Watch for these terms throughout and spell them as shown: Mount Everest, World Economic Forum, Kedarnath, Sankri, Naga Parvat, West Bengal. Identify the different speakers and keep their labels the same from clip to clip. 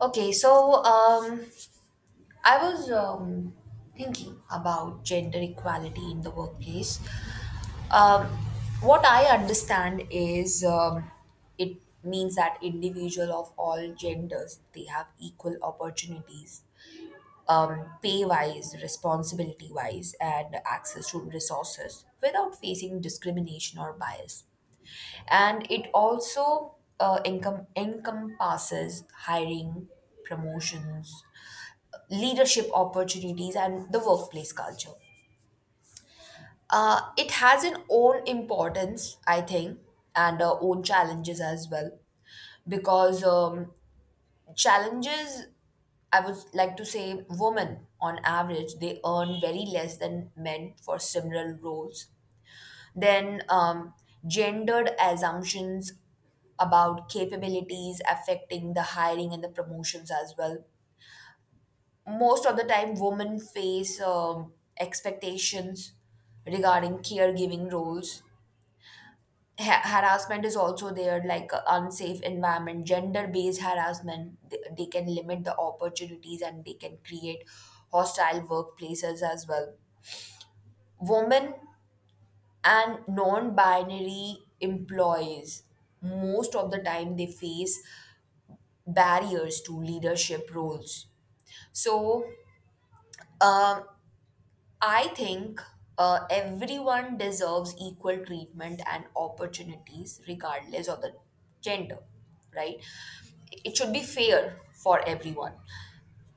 Speaker 1: Okay, so um, I was thinking about gender equality in the workplace. Um, what I understand is it means that individual of all genders they have equal opportunities, pay wise, responsibility wise, and access to resources without facing discrimination or bias. And it also encompasses hiring, promotions, leadership opportunities, and the workplace culture, it has an own importance, I think, and own challenges as well. Because challenges, I would like to say, women on average, they earn very less than men for similar roles. Then, gendered assumptions about capabilities affecting the hiring and the promotions as well. Most of the time, women face expectations regarding caregiving roles. Harassment is also there, like unsafe environment, gender based harassment. They can limit the opportunities and they can create hostile workplaces as well. Women and non-binary employees most of the time they face barriers to leadership roles. so um, I think everyone deserves equal treatment and opportunities regardless of the gender, right? It should be fair for everyone.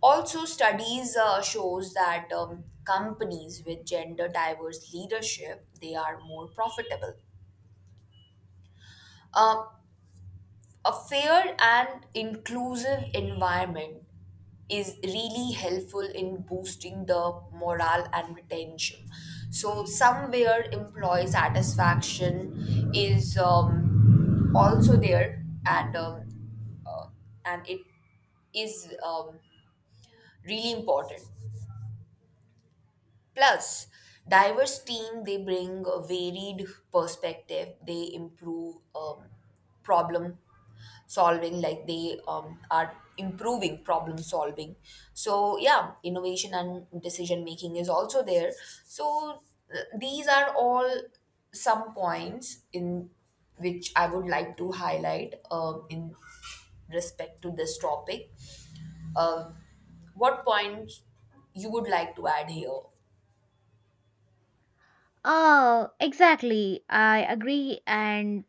Speaker 1: Also, studies shows that companies with gender diverse leadership they are more profitable. Um a fair and inclusive environment is really helpful in boosting the morale and retention. So somewhere employee satisfaction is also there. And um, uh, and it is um, really important. Plus, diverse team they bring a varied perspective. They improve problem solving, like they are improving problem solving. So yeah, innovation and decision making is also there. So these are all some points in which I would like to highlight, in respect to this topic. um, what points you would like to add here?
Speaker 2: Oh, exactly. I agree, and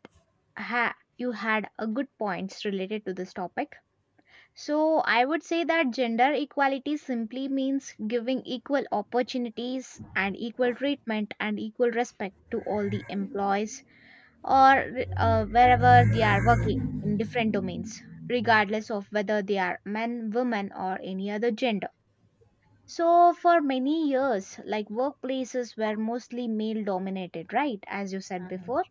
Speaker 2: ha you had a good points related to this topic. So I would say that gender equality simply means giving equal opportunities and equal treatment and equal respect to all the employees or wherever they are working in different domains, regardless of whether they are men, women, or any other gender. So, for many years, like workplaces were mostly male dominated, right? As you said before.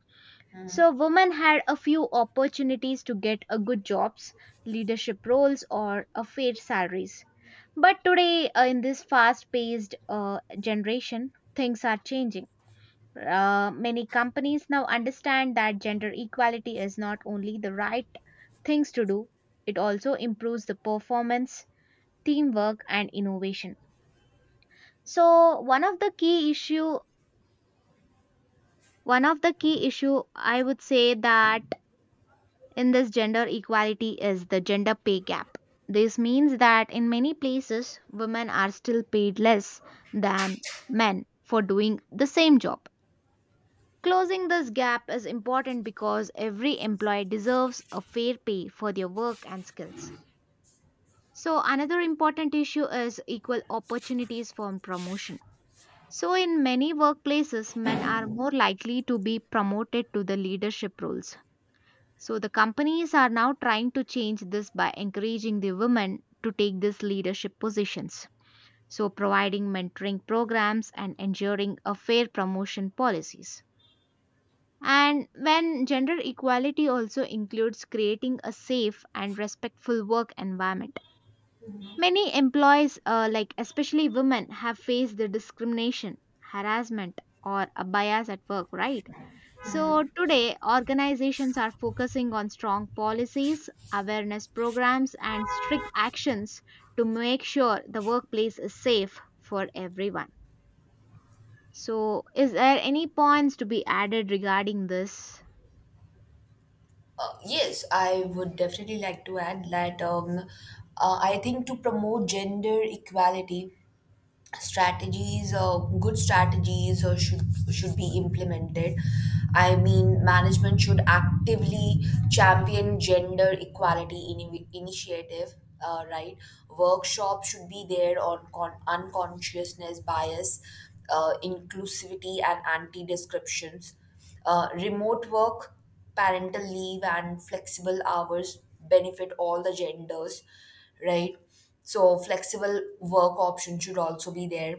Speaker 2: So, women had a few opportunities to get a good jobs, leadership roles, or a fair salaries. But today, in this fast paced generation, things are changing. Many companies now understand that gender equality is not only the right things to do, it also improves the performance, teamwork, and innovation. So one of the key issue one of the key issue I would say that in this gender equality is the gender pay gap. This means that in many places women are still paid less than men for doing the same job. Closing this gap is important because every employee deserves a fair pay for their work and skills. So another important issue is equal opportunities for promotion. So, in many workplaces, men are more likely to be promoted to the leadership roles. So, the companies are now trying to change this by encouraging the women to take these leadership positions. So, providing mentoring programs and ensuring a fair promotion policies. And when gender equality also includes creating a safe and respectful work environment. Many employees, like especially women, have faced the discrimination, harassment, or a bias at work, right? So today, organizations are focusing on strong policies, awareness programs, and strict actions to make sure the workplace is safe for everyone. So, is there any points to be added regarding this?
Speaker 1: Yes, I would definitely like to add that, I think to promote gender equality, strategies or good strategies or should be implemented. I mean, management should actively champion gender equality initiative, right? Workshop should be there on unconsciousness bias, inclusivity and anti descriptions. Remote work, parental leave and flexible hours benefit all the genders, right? So, flexible work options should also be there.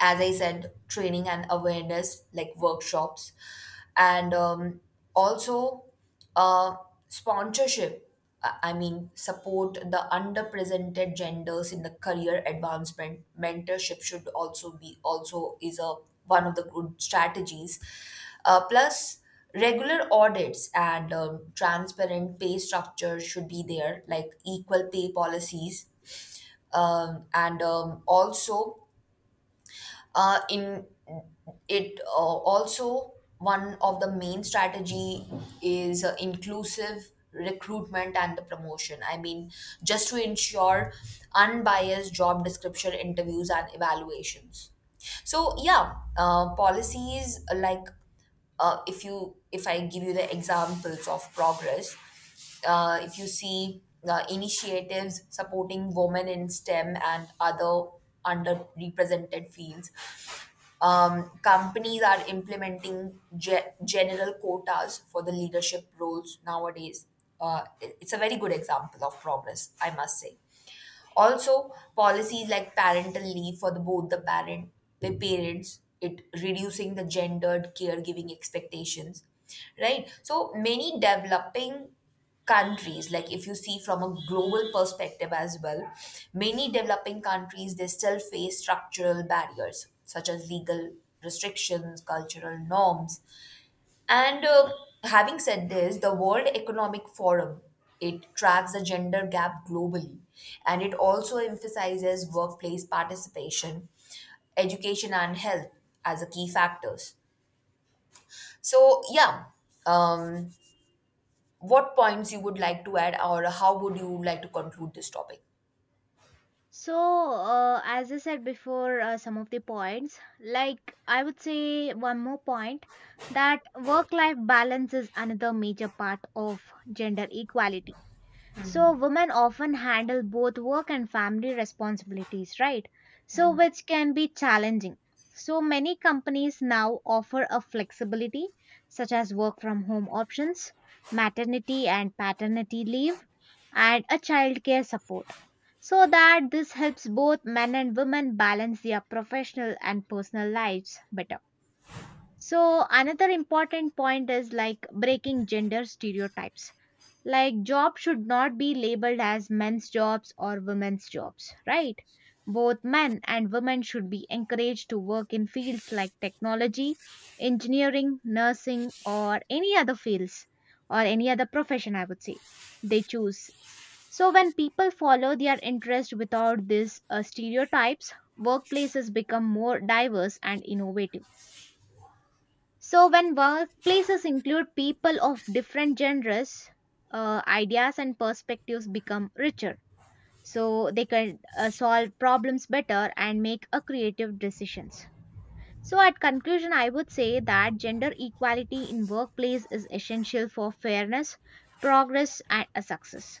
Speaker 1: As I said, training and awareness, like workshops, and also, uh, sponsorship. I mean, support the underrepresented genders in the career advancement. Mentorship should also is a one of the good strategies. Plus, regular audits and transparent pay structure should be there, like equal pay policies. And Also, in it also, one of the main strategy is inclusive recruitment and the promotion. I mean, just to ensure unbiased job description, interviews and evaluations. So yeah, policies, like if you, if I give you the examples of progress, if you see initiatives supporting women in STEM and other underrepresented fields, companies are implementing general quotas for the leadership roles nowadays. It's a very good example of progress, I must say. Also, policies like parental leave for both the parent, the parents, it reducing the gendered caregiving expectations, right? So many developing countries, like if you see from a global perspective as well, many developing countries they still face structural barriers such as legal restrictions, cultural norms, and having said this, the world economic forum, it tracks the gender gap globally, and it also emphasizes workplace participation, education and health as the key factors. So yeah, um what points you would like to add or how would you like to conclude this topic?
Speaker 2: So, as I said before, some of the points, like I would say one more point that work life balance is another major part of gender equality. So women often handle both work and family responsibilities, right? So which can be challenging. So many companies now offer a flexibility such as work from home options, maternity and paternity leave, and a childcare support. So that this helps both men and women balance their professional and personal lives better. So another important point is like breaking gender stereotypes like job should not be labeled as men's jobs or women's jobs, right? Both men and women should be encouraged to work in fields like technology, engineering, nursing, or any other fields or any other profession, I would say, they choose. So, when people follow their interest without these stereotypes, workplaces become more diverse and innovative. So, when workplaces include people of different genres, ideas and perspectives become richer. So, they can solve problems better and make a creative decisions. So, at conclusion, I would say that gender equality in workplace is essential for fairness, progress, and a success.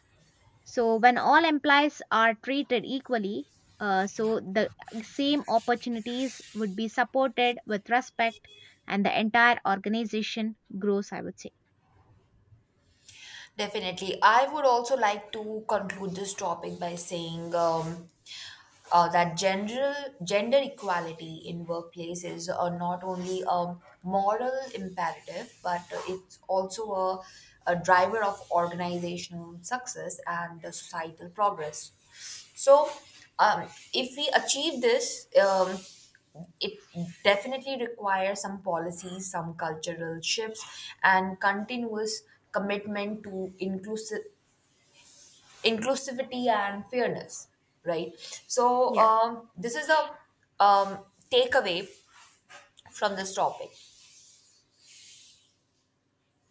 Speaker 2: So when all employees are treated equally, so the same opportunities would be supported with respect and the entire organization grows, I would say.
Speaker 1: Definitely, I would also like to conclude this topic by saying, that general gender equality in workplaces are not only a moral imperative, but it's also a driver of organizational success and the societal progress. So, um, if we achieve this, it definitely requires some policies, some cultural shifts, and continuous commitment to inclusive inclusivity and fairness, right? So
Speaker 2: Yeah.
Speaker 1: this is a takeaway from this topic.